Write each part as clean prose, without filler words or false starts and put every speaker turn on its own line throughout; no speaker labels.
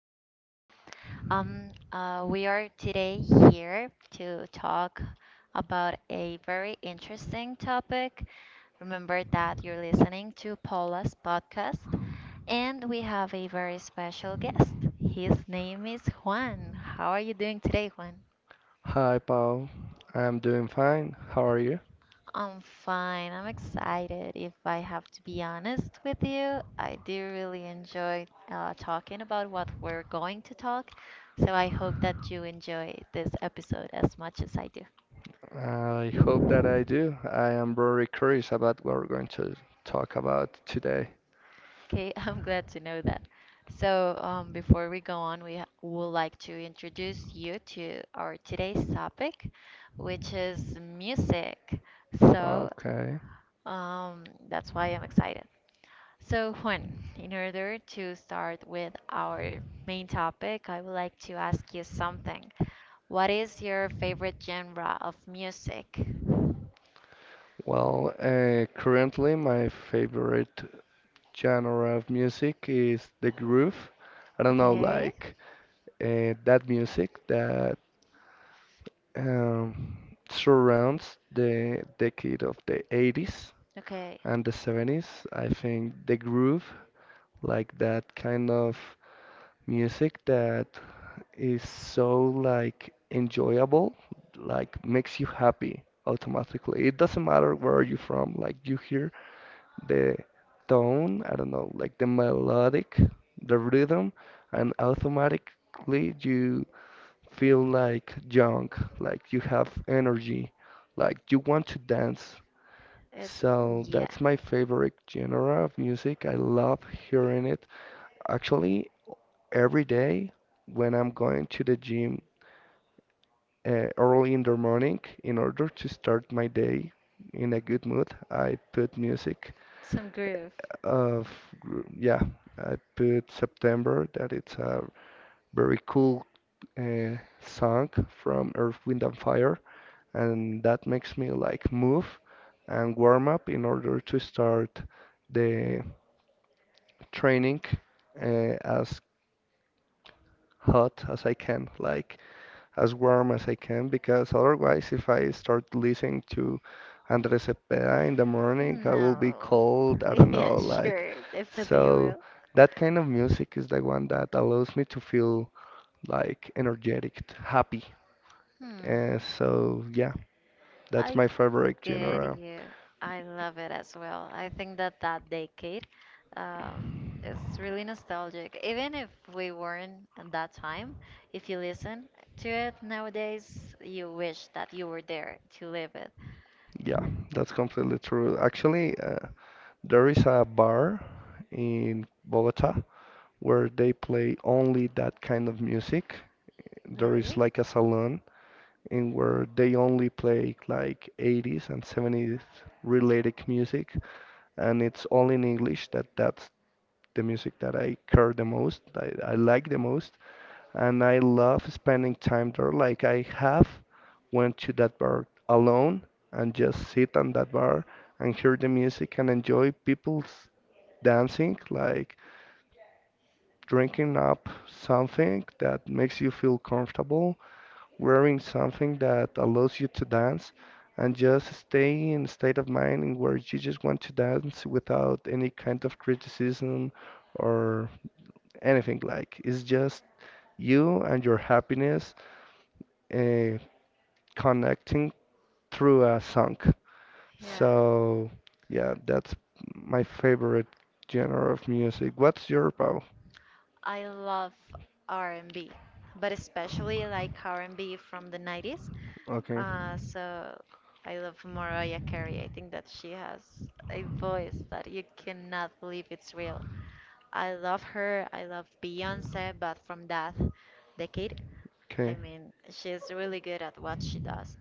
is Paula. We are today here to talk about a very interesting topic. Remember that you're listening to Paula's podcast, and we have a very special guest. His name is Juan. How are you doing today, Juan?
Hi, Paul. I'm doing fine. How are you?
I'm fine. I'm excited. If I have to be honest with you, I do really enjoy talking about what we're going to talk. So I hope that you enjoy this episode as much as I do.
I hope that I do. I am very curious about what we're going to talk about today.
Okay, I'm glad to know that. So before we go on, would like to introduce you to our today's topic, which is music. So
Okay.
that's why I'm excited. So, Juan, in order to start with our main topic, I would like to ask you something. What is your favorite genre of music?
Currently my favorite genre of music is the groove. I don't know,
Okay.
like that music that um, surrounds the decade of the 80s
Okay,
and the 70s. I think the groove, like that kind of music that is so like enjoyable, like makes you happy automatically. It doesn't matter where you're from, like you hear the tone, I don't know, like the melodic, the rhythm, and automatically you feel like young, like you have energy, like you want to dance.
it,
So
Yeah.
that's my favorite genre of music. I love hearing it. Actually, every day when I'm going to the gym early in the morning in order to start my day in a good mood. I put music
Some groove.
of, yeah, I put September, that it's a very cool song from Earth, Wind and Fire, and that makes me like move and warm up in order to start the training as hot as I can. Like as warm as I can because otherwise, if I start listening to Andres Cepeda in the morning, I will be
No.
cold. I don't
Yeah,
know, like
sure. Definitely you
so.
will.
That kind of music is the one that allows me to feel like energetic, happy. Uh,
Hmm.
so yeah, that's
I
my favorite
get
genre.
you. I love it as well. I think that that decade um, is really nostalgic. Even if we weren't at that time, if you listen to it nowadays, you wish that you were there to live it.
Yeah, that's completely true. Actually, there is a bar in Bogota where they play only that kind of music. There
Really?
is like a salon in where they only play like 80s and 70s related music, and it's all in English. That's the music that I care the most, I like the most, and I love spending time there. Like I have went to that bar alone and just sit on that bar and hear the music and enjoy people's dancing, like drinking up something that makes you feel comfortable wearing something that allows you to dance and just stay in a state of mind in where you just want to dance without any kind of criticism or anything like. It's just you and your happiness uh, connecting through a song.
Yeah.
So yeah, that's my favorite genre of music. What's your Pau?
I love R&B, but especially like R&B from the 90s.
Okay.
So I love Mariah Carey. I think that she has a voice that you cannot believe it's real. I love her. I love Beyonce, but from that decade, I mean, she's really good at what she does.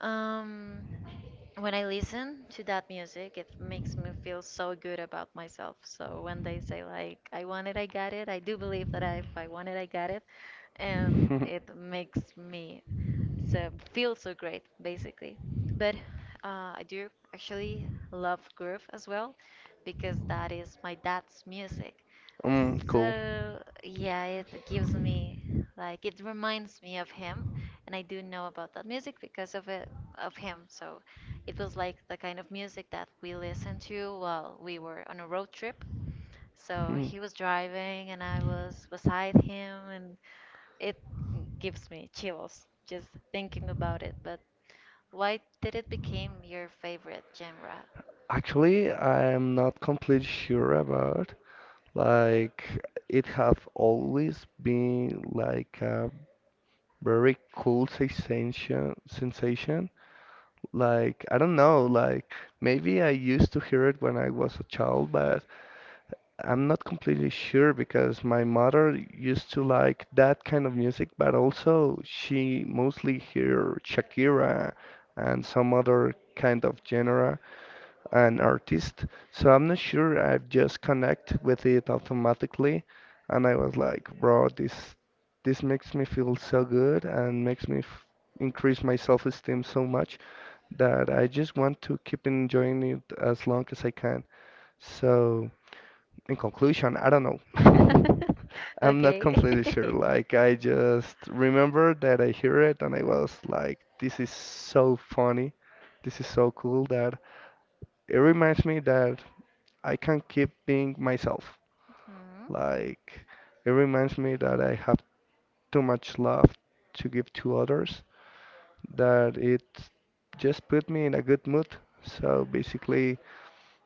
Um, when I listen to that music, it makes me feel so good about myself. So when they say like I want it, I got it, I do believe that if I want it, I got it, and it makes me so feel so great basically. But I do actually love groove as well because that is my dad's music.
Mm, cool.
So yeah, it gives me like it reminds me of him, and I do know about that music because of it of him. So it was like the kind of music that we listened to while we were on a road trip. So
Hmm.
he was driving and I was beside him, and it gives me chills just thinking about it. But why did it become your favorite genre?
Actually, I'm not completely sure about. Like, it have always been like a very cool sensation. Like, I don't know, like maybe I used to hear it when I was a child, but I'm not completely sure because my mother used to like that kind of music, but also she mostly hear Shakira and some other kind of genre and artist. So I'm not sure I've just connect with it automatically and I was like, bro, this makes me feel so good and makes me f increase my self-esteem so much that I just want to keep enjoying it as long as I can. So, in conclusion, I don't know. I'm not
Okay.
completely sure. Like, I just remember that I hear it and I was like, this is so funny. This is so cool that it reminds me that I can keep being myself.
Hmm.
Like, it reminds me that I have too much love to give to others, that it just put me in a good mood. So basically,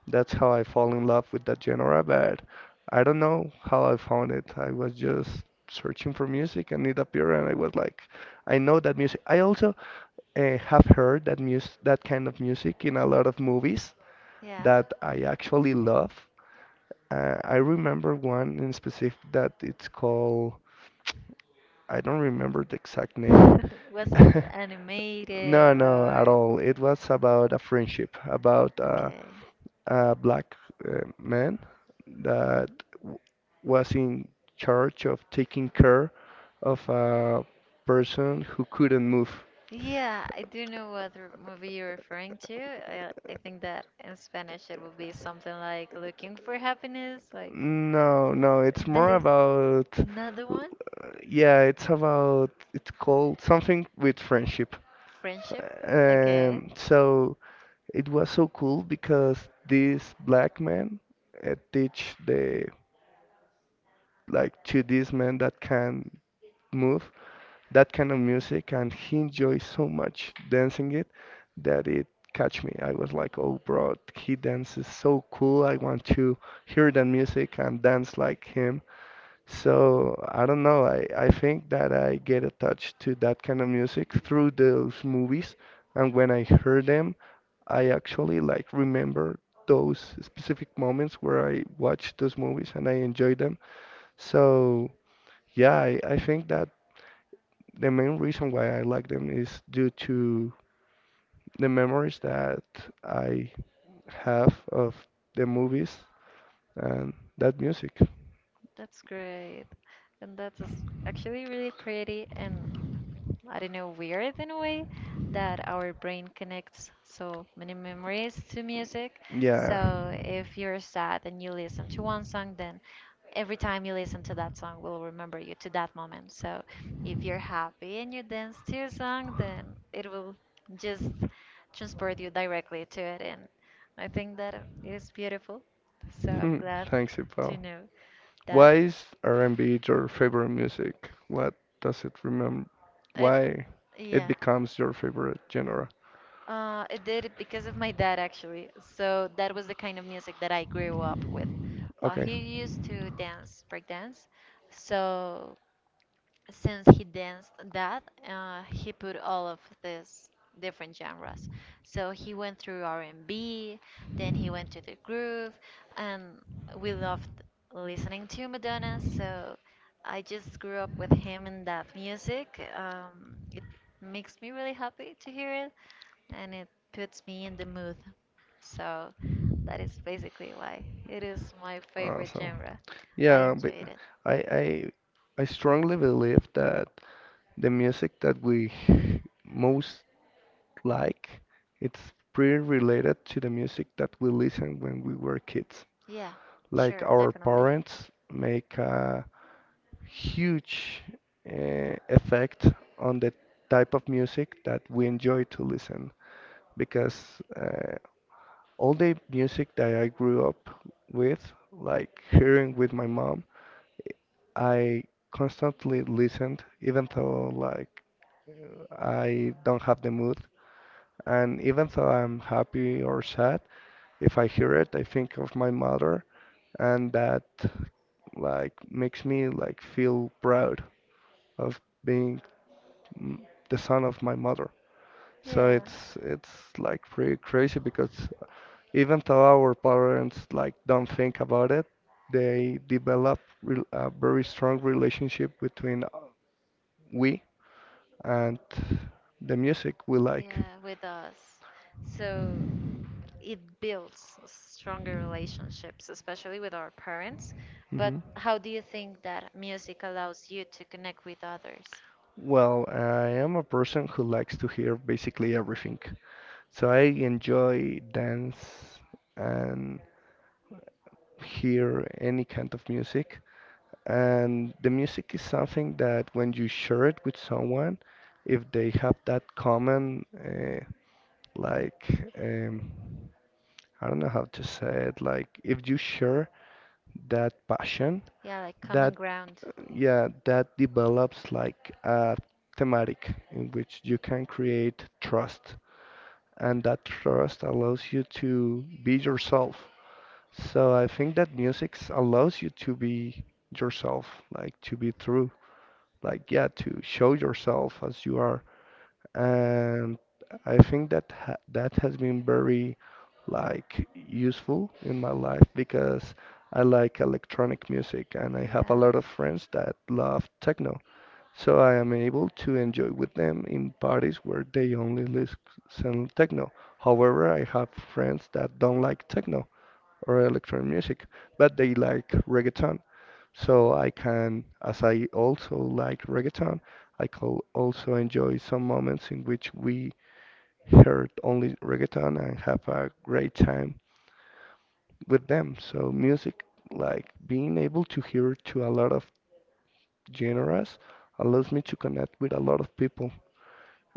that's how I fall in love with that genre, but I don't know how I found it. I was just searching for music and it appeared and I was like, I know that music. I also have heard that kind of music in a lot of movies
Yeah.
that I actually love. I remember one in specific that it's called, I don't remember the exact name.
Was it animated
No, no, at
or
all. It was about a friendship, about
okay?
a black man that
Mhm.
w- was in charge of taking care of a person who couldn't move.
Yeah, I do know what movie you're referring to. I think that in Spanish it would be something like looking for happiness. Like,
No,
eh,
no, it's
that
more
is
about,
another one?
yeah, it's about, it's called something with friendship.
Friendship? Okay,
So it was so cool because this black man teach the like to this man that can move that kind of music, and he enjoys so much dancing it that it catch me. I was like, oh, bro, he dances so cool. I want to hear that music and dance like him. So I don't know. I think that I get attached to that kind of music through those movies, and when I hear them, I actually like remember those specific moments where I watched those movies and I enjoyed them. So yeah, I think that the main reason why I like them is due to the memories that I have of the movies and that music.
that's great. And that's actually really pretty. And I don't know, weird in a way that our brain connects so many memories to music.
Yeah,
So if you're sad and you listen to one song, then every time you listen to that song will remember you to that moment. So if you're happy and you dance to a song, then it will just transport you directly to it. And I think that it is beautiful. So I'm
hmm,
glad
thanks,
to
Ipo.
know that.
Why is R&B your favorite music? What does it remember?
It,
Why it
yeah.
becomes your favorite genre?
It did it because of my dad, actually. So that was the kind of music that I grew up with.
Okay.
He used to dance, break dance. So since he danced that, he put all of these different genres. So he went through R&B, then he went to the groove, and we loved listening to Madonna. So I just grew up with him and that music. It makes me really happy to hear it, and it puts me in the mood. So that is basically why it is my
Uh,
favorite
so
genre. I
yeah, but
enjoyed it.
I I I strongly believe that the music that we most like it's pretty related to the music that we listened when we were kids.
Yeah,
Like
sure,
our
definitely.
parents make a huge effect on the type of music that we enjoy to listen because all the music that I grew up with, like hearing with my mom, I constantly listened even though like I don't have the mood. And even though I'm happy or sad, if I hear it, I think of my mother, and that like makes me like feel proud of being mm, the son of my mother. So
Yeah.
it's like pretty crazy because even though our parents like don't think about it, they develop re a very strong relationship between we and the music we like.
Yeah, with us. So it builds stronger relationships, especially with our parents. But
Mhm.
how do you think that music allows you to connect with others?
Well, I am a person who likes to hear basically everything. So I enjoy dance and hear any kind of music. And the music is something that when you share it with someone, if they have that common like I don't know how to say it. Like if you share that passion,
Yeah, like common
that
ground.
yeah, that develops like a thematic in which you can create trust, and that trust allows you to be yourself. So I think that music allows you to be yourself, like to be true, like yeah, to show yourself as you are and I think that ha that has been very like useful in my life because I like electronic music and I have a
Yeah.
lot of friends that love techno. So I am able to enjoy with them in parties where they only listen techno. However, I have friends that don't like techno or electronic music, but they like reggaeton. So I can, as I also like reggaeton, I can also enjoy some moments in which we heard only reggaeton and have a great time with them. So music, like being able to hear to a lot of genres, allows me to connect with a lot of people.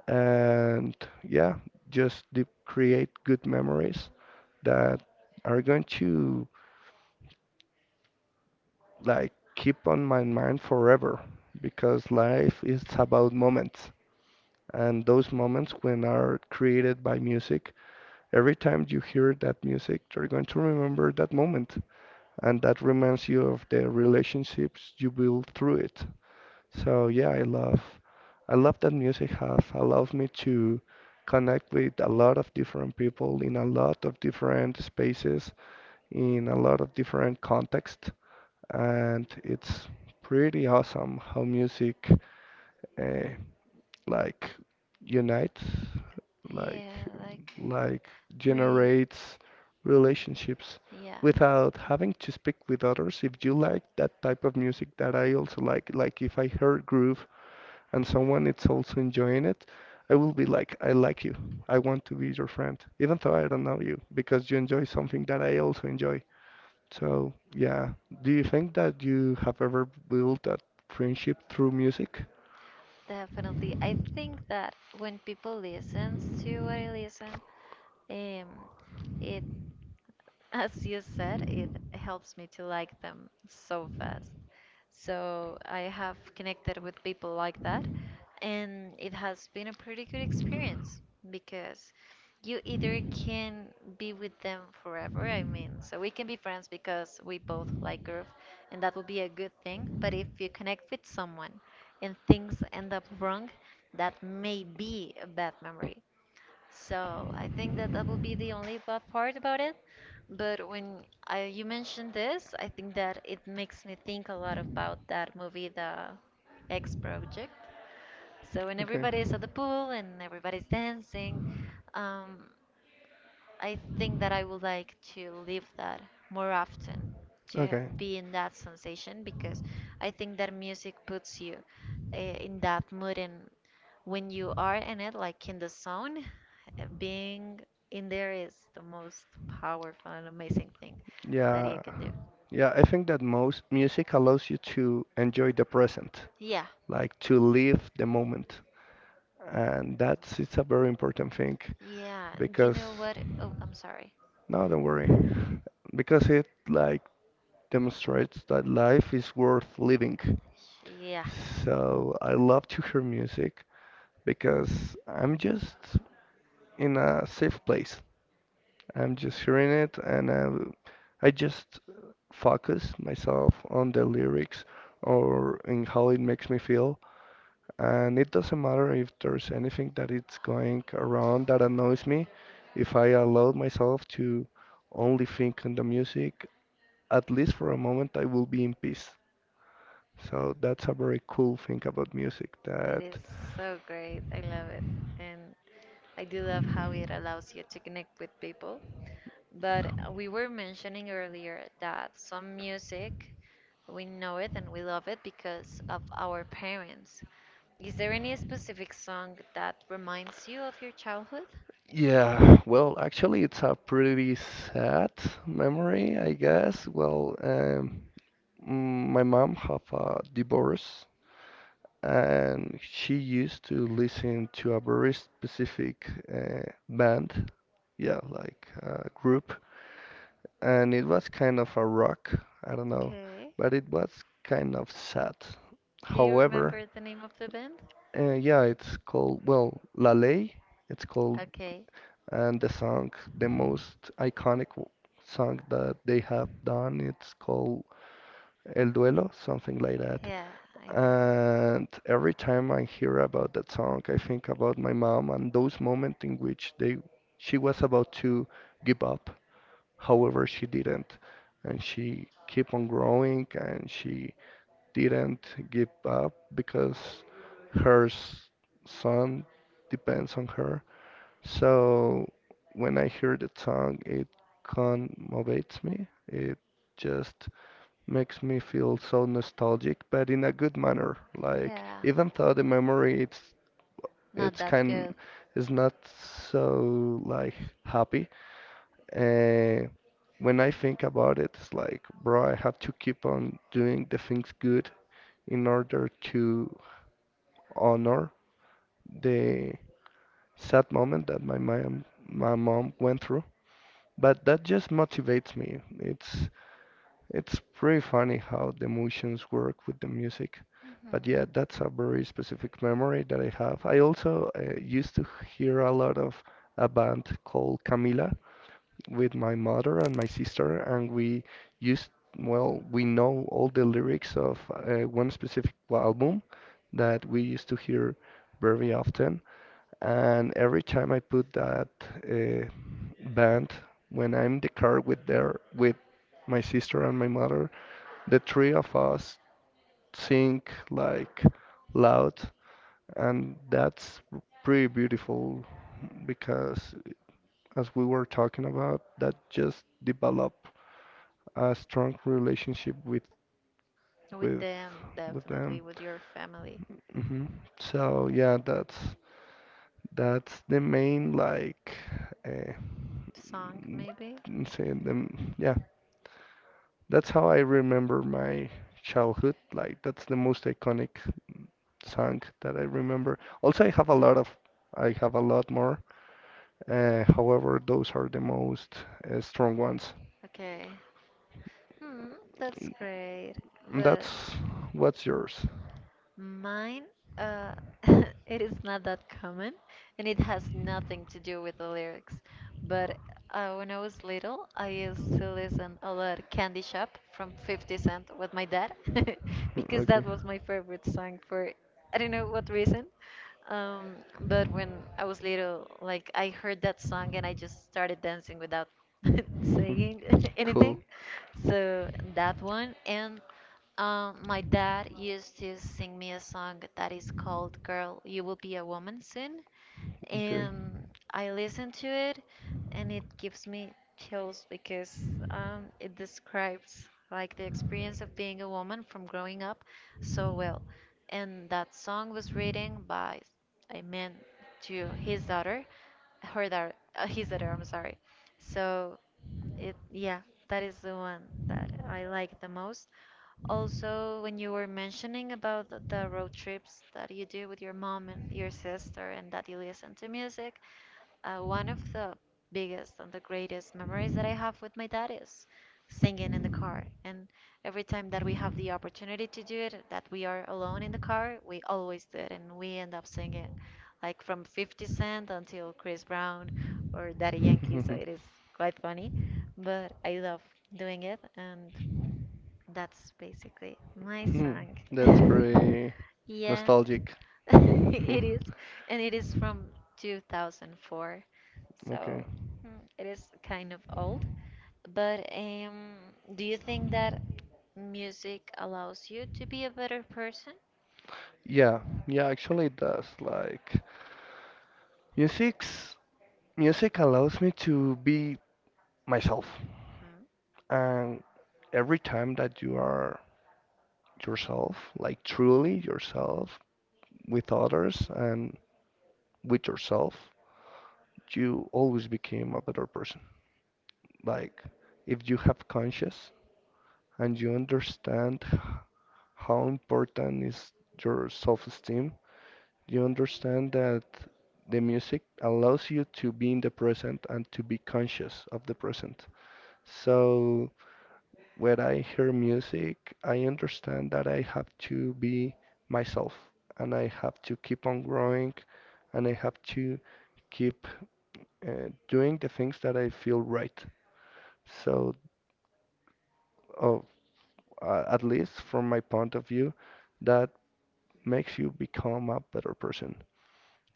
And yeah, just create good memories that are going to like keep on my mind forever because life is about moments, and those moments when are created by music, every time you hear that music you're going to remember that moment and that reminds you of the relationships you build through it. So yeah, I love that music has allowed me to connect with a lot of different people in a lot of different spaces in a lot of different contexts, and it's pretty awesome how music uh, like unites,
Yeah, like
like
bring.
generates relationships
Yeah,
without having to speak with others. If you like that type of music that I also like if I hear groove and someone is also enjoying it, I will be like, I like you. I want to be your friend, even though I don't know you, because you enjoy something that I also enjoy. So, yeah. Do you think that you have ever built that friendship through music?
definitely. I think that when people listens to what I listen, um, it as you said, it helps me to like them so fast. So I have connected with people like that, and it has been a pretty good experience because you either can be with them forever, I mean, so we can be friends because we both like Groove, and that would be a good thing. But if you connect with someone and things end up wrong, that may be a bad memory. So I think that that will be the only bad part about it. But you mentioned this, I think that it makes me think a lot about that movie, The X Project. So when
Okay.
everybody is at the pool and everybody's dancing, um, I think that I would like to live that more often,
Okay.
be in that sensation, because I think that music puts you in that mood, and when you are in it, like in the zone, being in there is the most powerful and amazing thing that you
Yeah.
can do.
Yeah, I think that most music allows you to enjoy the present,
Yeah,
like to live the moment. And that's it's a very important thing
yeah. Do you
because
know what? Oh, I'm sorry.
no, don't worry. Because it like demonstrates that life is worth living.
Yeah,
So I love to hear music because I'm just in a safe place. I'm just hearing it and I just focus myself on the lyrics or in how it makes me feel and it doesn't matter if there's anything that it's going around that annoys me. If I allow myself to only think on the music, at least for a moment, I will be in peace. So that's a very cool thing about music
it is
that,
so great. I love it. And I do love how it allows you to connect with people. But we were mentioning earlier that some music, we know it and we love it because of our parents. Is there any specific song that reminds you of your childhood?
yeah, well, actually, it's a pretty sad memory, I guess. My mom have a divorce and she used to listen to a very specific band, yeah, like a group, and it was kind of a rock, I don't know,
Okay.
but it was kind of sad.
Do you
However,
remember the name of the band?
yeah, it's called, well, La Ley, it's called,
Okay.
and the song, the most iconic song that they have done, it's called El Duelo, something like that.
Yeah, I know.
And every time I hear about that song, I think about my mom and those moments in which they she was about to give up. However, she didn't, and she kept on growing and she didn't give up because her s- son depends on her. So when I hear that song, it conmovates me. It just makes me feel so nostalgic, but in a good manner. Like
Yeah,
even though the memory it's
not
it's
that
kind
good.
is not so like happy. Uh, when I think about it, it's like, bro, I have to keep on doing the things good in order to honor the sad moment that my mom went through. But that just motivates me. It's pretty funny how the emotions work with the music.
Mhm.
But yeah, that's a very specific memory that I have. I also used to hear a lot of a band called Camila with my mother and my sister, and we used, well, we know all the lyrics of one specific album that we used to hear very often. And every time I put that uh, band, when I'm in the car with their with my sister and my mother, the three of us think like loud, and that's pretty beautiful because as we were talking about that just develop a strong relationship with
With
with
them,
with them.
definitely. With your family.
hmm so yeah, that's the main, like, uh,
Song, maybe?
mm, say them, yeah. That's how I remember my childhood. Like that's the most iconic song that I remember. Also, I have a lot of, I have a lot more. However, those are the most strong ones.
Okay. Hmm, that's great.
That's
But
what's yours.
mine, uh, it is not that common, and it has nothing to do with the lyrics. But when I was little, I used to listen a lot Candy Shop from 50 Cent with my dad, because
Okay.
that was my favorite song for I don't know what reason. Um, but when I was little, like I heard that song and I just started dancing without
Mhm.
saying
Cool.
anything. So that one and my dad used to sing me a song that is called Girl, You Will Be a Woman Soon.
Okay.
And I listen to it and it gives me chills because it describes like the experience of being a woman from growing up so well. And that song was written by a man to his daughter, his daughter, I'm sorry. So yeah, that is the one that I like the most. Also, when you were mentioning about the road trips that you do with your mom and your sister, and that you listen to music, one of the biggest and the greatest memories that I have with my dad is singing in the car. And every time that we have the opportunity to do it, that we are alone in the car, we always do it, and we end up singing, like from 50 Cent until Chris Brown or Daddy Yankee. So it is quite funny, but I love doing it and. That's basically my
Hmm,
song.
that's pretty
Yeah,
nostalgic.
it is. And it is from 2004.
Okay.
So hmm, it is kind of old. But do you think that music allows you to be a better person?
Yeah, yeah, actually it does. Like music's music allows me to be myself.
Hmm.
And every time that you are yourself, like truly yourself with others and with yourself, you always become a better person. Like, if you have conscious and you understand how important is your self-esteem, you understand that the music allows you to be in the present and to be conscious of the present. So when I hear music, I understand that I have to be myself and I have to keep on growing and I have to keep doing the things that I feel right. So uh, at least from my point of view, that makes you become a better person.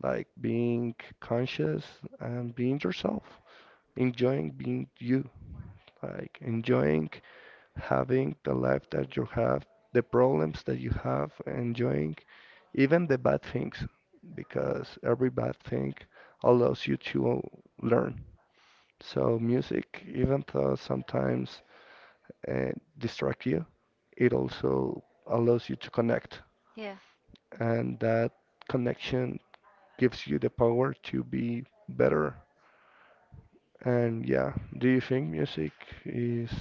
Like being conscious and being yourself, enjoying being you, like enjoying having the life that you have, the problems that you have, enjoying even the bad things, because every bad thing allows you to learn. So music, even though sometimes uh, distract you, it also allows you to connect,
Yeah.
and that connection gives you the power to be better. And yeah, do you think music is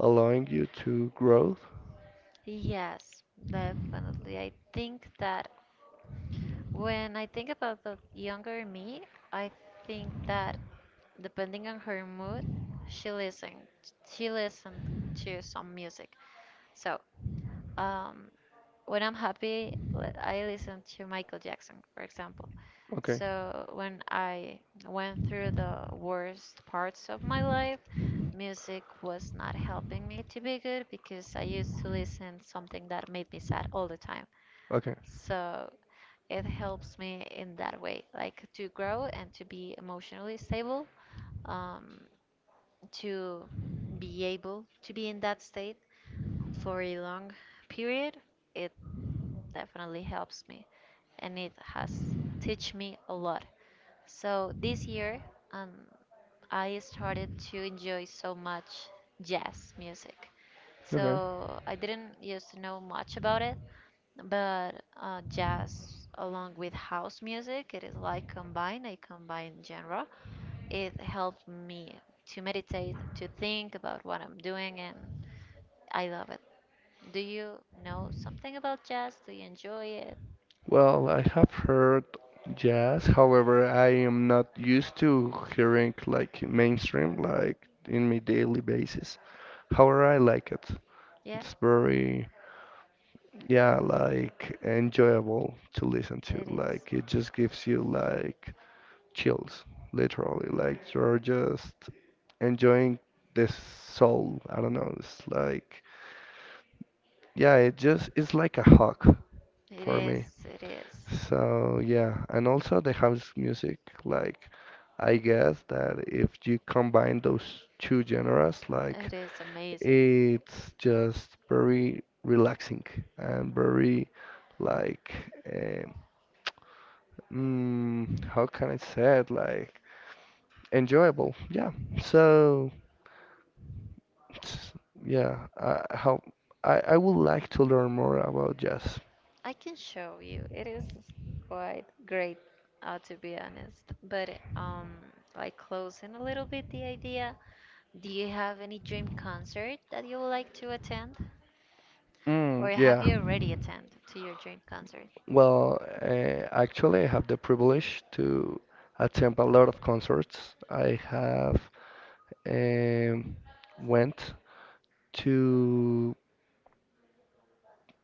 allowing you to grow?
Yes, definitely. I think that when I think about the younger me, I think that depending on her mood, she listened she listened to some music. So, um, when I'm happy, I listen to Michael Jackson, for example.
Okay.
So when I went through the worst parts of my life, music was not helping me to be good because I used to listen something that made me sad all the time.
Okay.
So it helps me in that way, like to grow and to be emotionally stable. Um, to be able to be in that state for a long period, it definitely helps me and it has teach me a lot. So this year, um, I started to enjoy so much jazz music.
Okay.
So I didn't used to know much about it, but jazz along with house music, it is like combined, a combined genre it helped me to meditate, to think about what I'm doing, and I love it. Do you know something about jazz? Do you enjoy it?
Well, I have heard jazz, however, I am not used to hearing like mainstream, like in my daily basis. However, I like it.
Yeah,
It's very, yeah, like enjoyable to listen to.
it is.
Like it just gives you like chills, literally. Like you're just enjoying this soul. I don't know. It's like, yeah, it's like a hug
It
for me.
is. It is.
So yeah, and also the house music, like I guess that if you combine those two genres, like
It is amazing.
it's just very relaxing and
Hmm.
very like um, how can I say it? Like enjoyable. Yeah. So it's- yeah, how I would like to learn more about jazz.
I can show you. It is quite great, to be honest. But like closing a little bit the idea, do you have any dream concert that you would like to attend? Or
Mm,
have
yeah.
you already attended to your dream concert?
Well, actually, I have the privilege to attend a lot of concerts. I have um, went to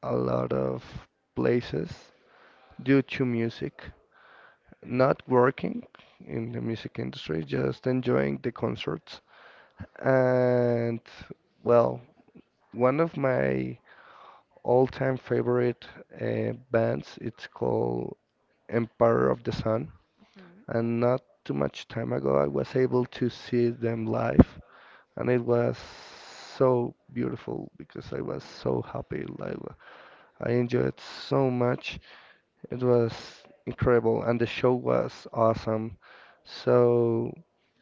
a lot of places due to music, not working in the music industry, just enjoying the concerts. And well, one of my all-time favorite bands, it's called Empire of the Sun.
Hmm.
And not too much time ago I was able to see them live, and it was so beautiful because I was so happy. Like I enjoyed so much. It was incredible, and the show was awesome. So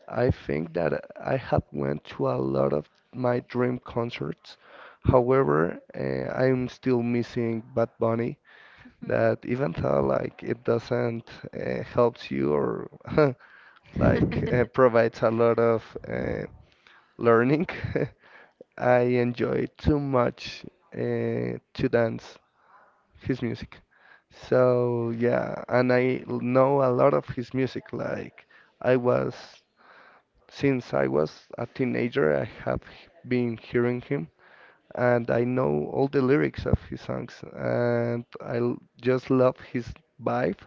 I think that I have went to a lot of my dream concerts. However, I'm still missing Bad Bunny.
Mhm.
That even though like it doesn't helps you or like provides a lot of learning. I enjoy too much uh, to dance his music. So yeah, and I know a lot of his music. Like I was since I was a teenager, I have been hearing him, and I know all the lyrics of his songs, and I just love his vibe.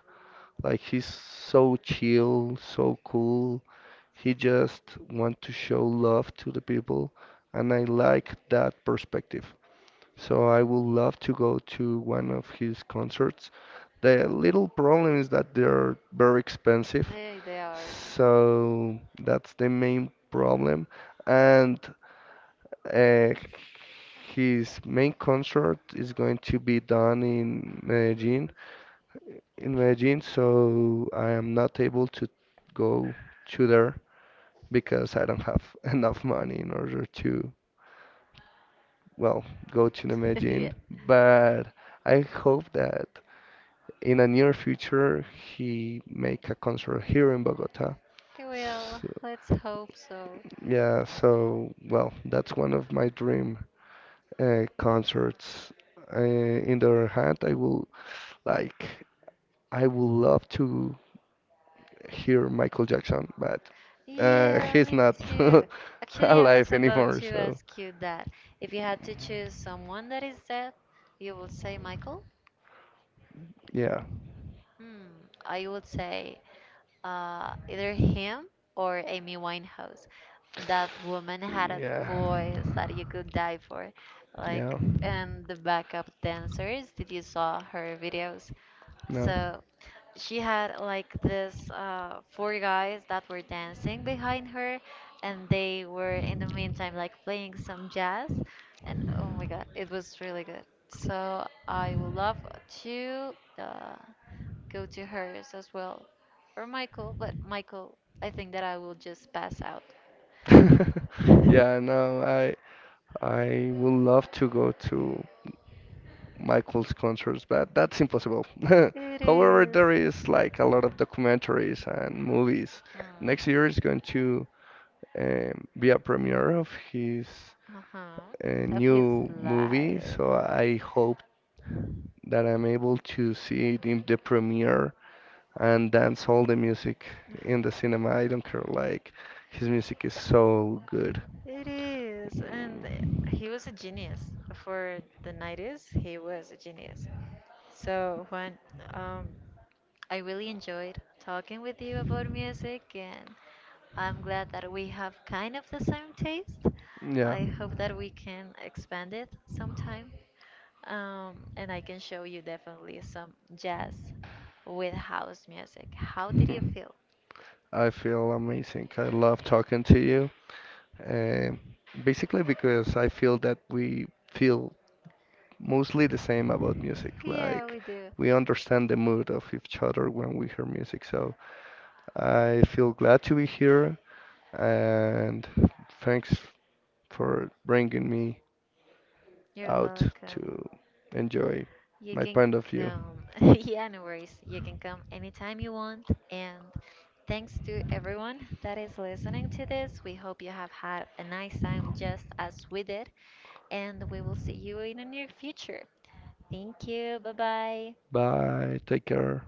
Like he's so chill, so cool. He just want to show love to the people, and I like that perspective. So I would love to go to one of his concerts. The little problem is that they're very expensive,
They are.
so that's the main problem. And uh, his main concert is going to be done in Medellin, so I am not able to go to there because I don't have enough money in order to, well, go to the
yeah.
Medellin. But I hope that in a near future he make a concert here in Bogota.
Well,
So,
let's hope so.
yeah, so well, that's one of my dream concerts. In the other hand, I will like I would love to hear Michael Jackson, but
Yeah,
he's
me
not
too. Actually, I was
alive
about
anymore.
to
So
ask you that. If you had to choose someone that is dead, you would say Michael?
yeah.
Hmm, I would say either him or Amy Winehouse. That woman had a
Yeah.
voice that you could die for. Like,
Yeah.
and the backup dancers, did you saw her videos? So she had like this four guys that were dancing behind her, and they were in the meantime like playing some jazz. And oh my God, it was really good. So I would love to uh, go to hers as well, or Michael. But Michael, I think that I will just
No.
pass out.
Yeah, no, I would love to go to Michael's concerts, but that's impossible.
It
However,
is.
there is like a lot of documentaries and movies.
Hmm.
Next year is going to be a premiere of his
Uh-huh, of his
new movie,
life.
so I hope that I'm able to see it in the premiere and dance all the music in the cinema. I don't care, like his music is so good.
It is, and
Mm,
he was a genius for the 90s. He was a genius. So when um, I really enjoyed talking with you about music, and I'm glad that we have kind of the same taste.
yeah.
I hope that we can expand it sometime. And I can show you definitely some jazz with house music. How did you feel?
I feel amazing. I love talking to you. Um basically because I feel that we feel mostly the same about music.
Yeah,
Like
we do.
we understand the mood of each other when we hear music. So I feel glad to be here, and thanks for bringing me
You're
out
welcome.
to enjoy
You
my
can
point of view.
come. Yeah, no worries. You can come anytime you want. And thanks to everyone that is listening to this. We hope you have had a nice time just as we did. And we will see you in the near future. Thank you. Bye bye.
Bye, take care.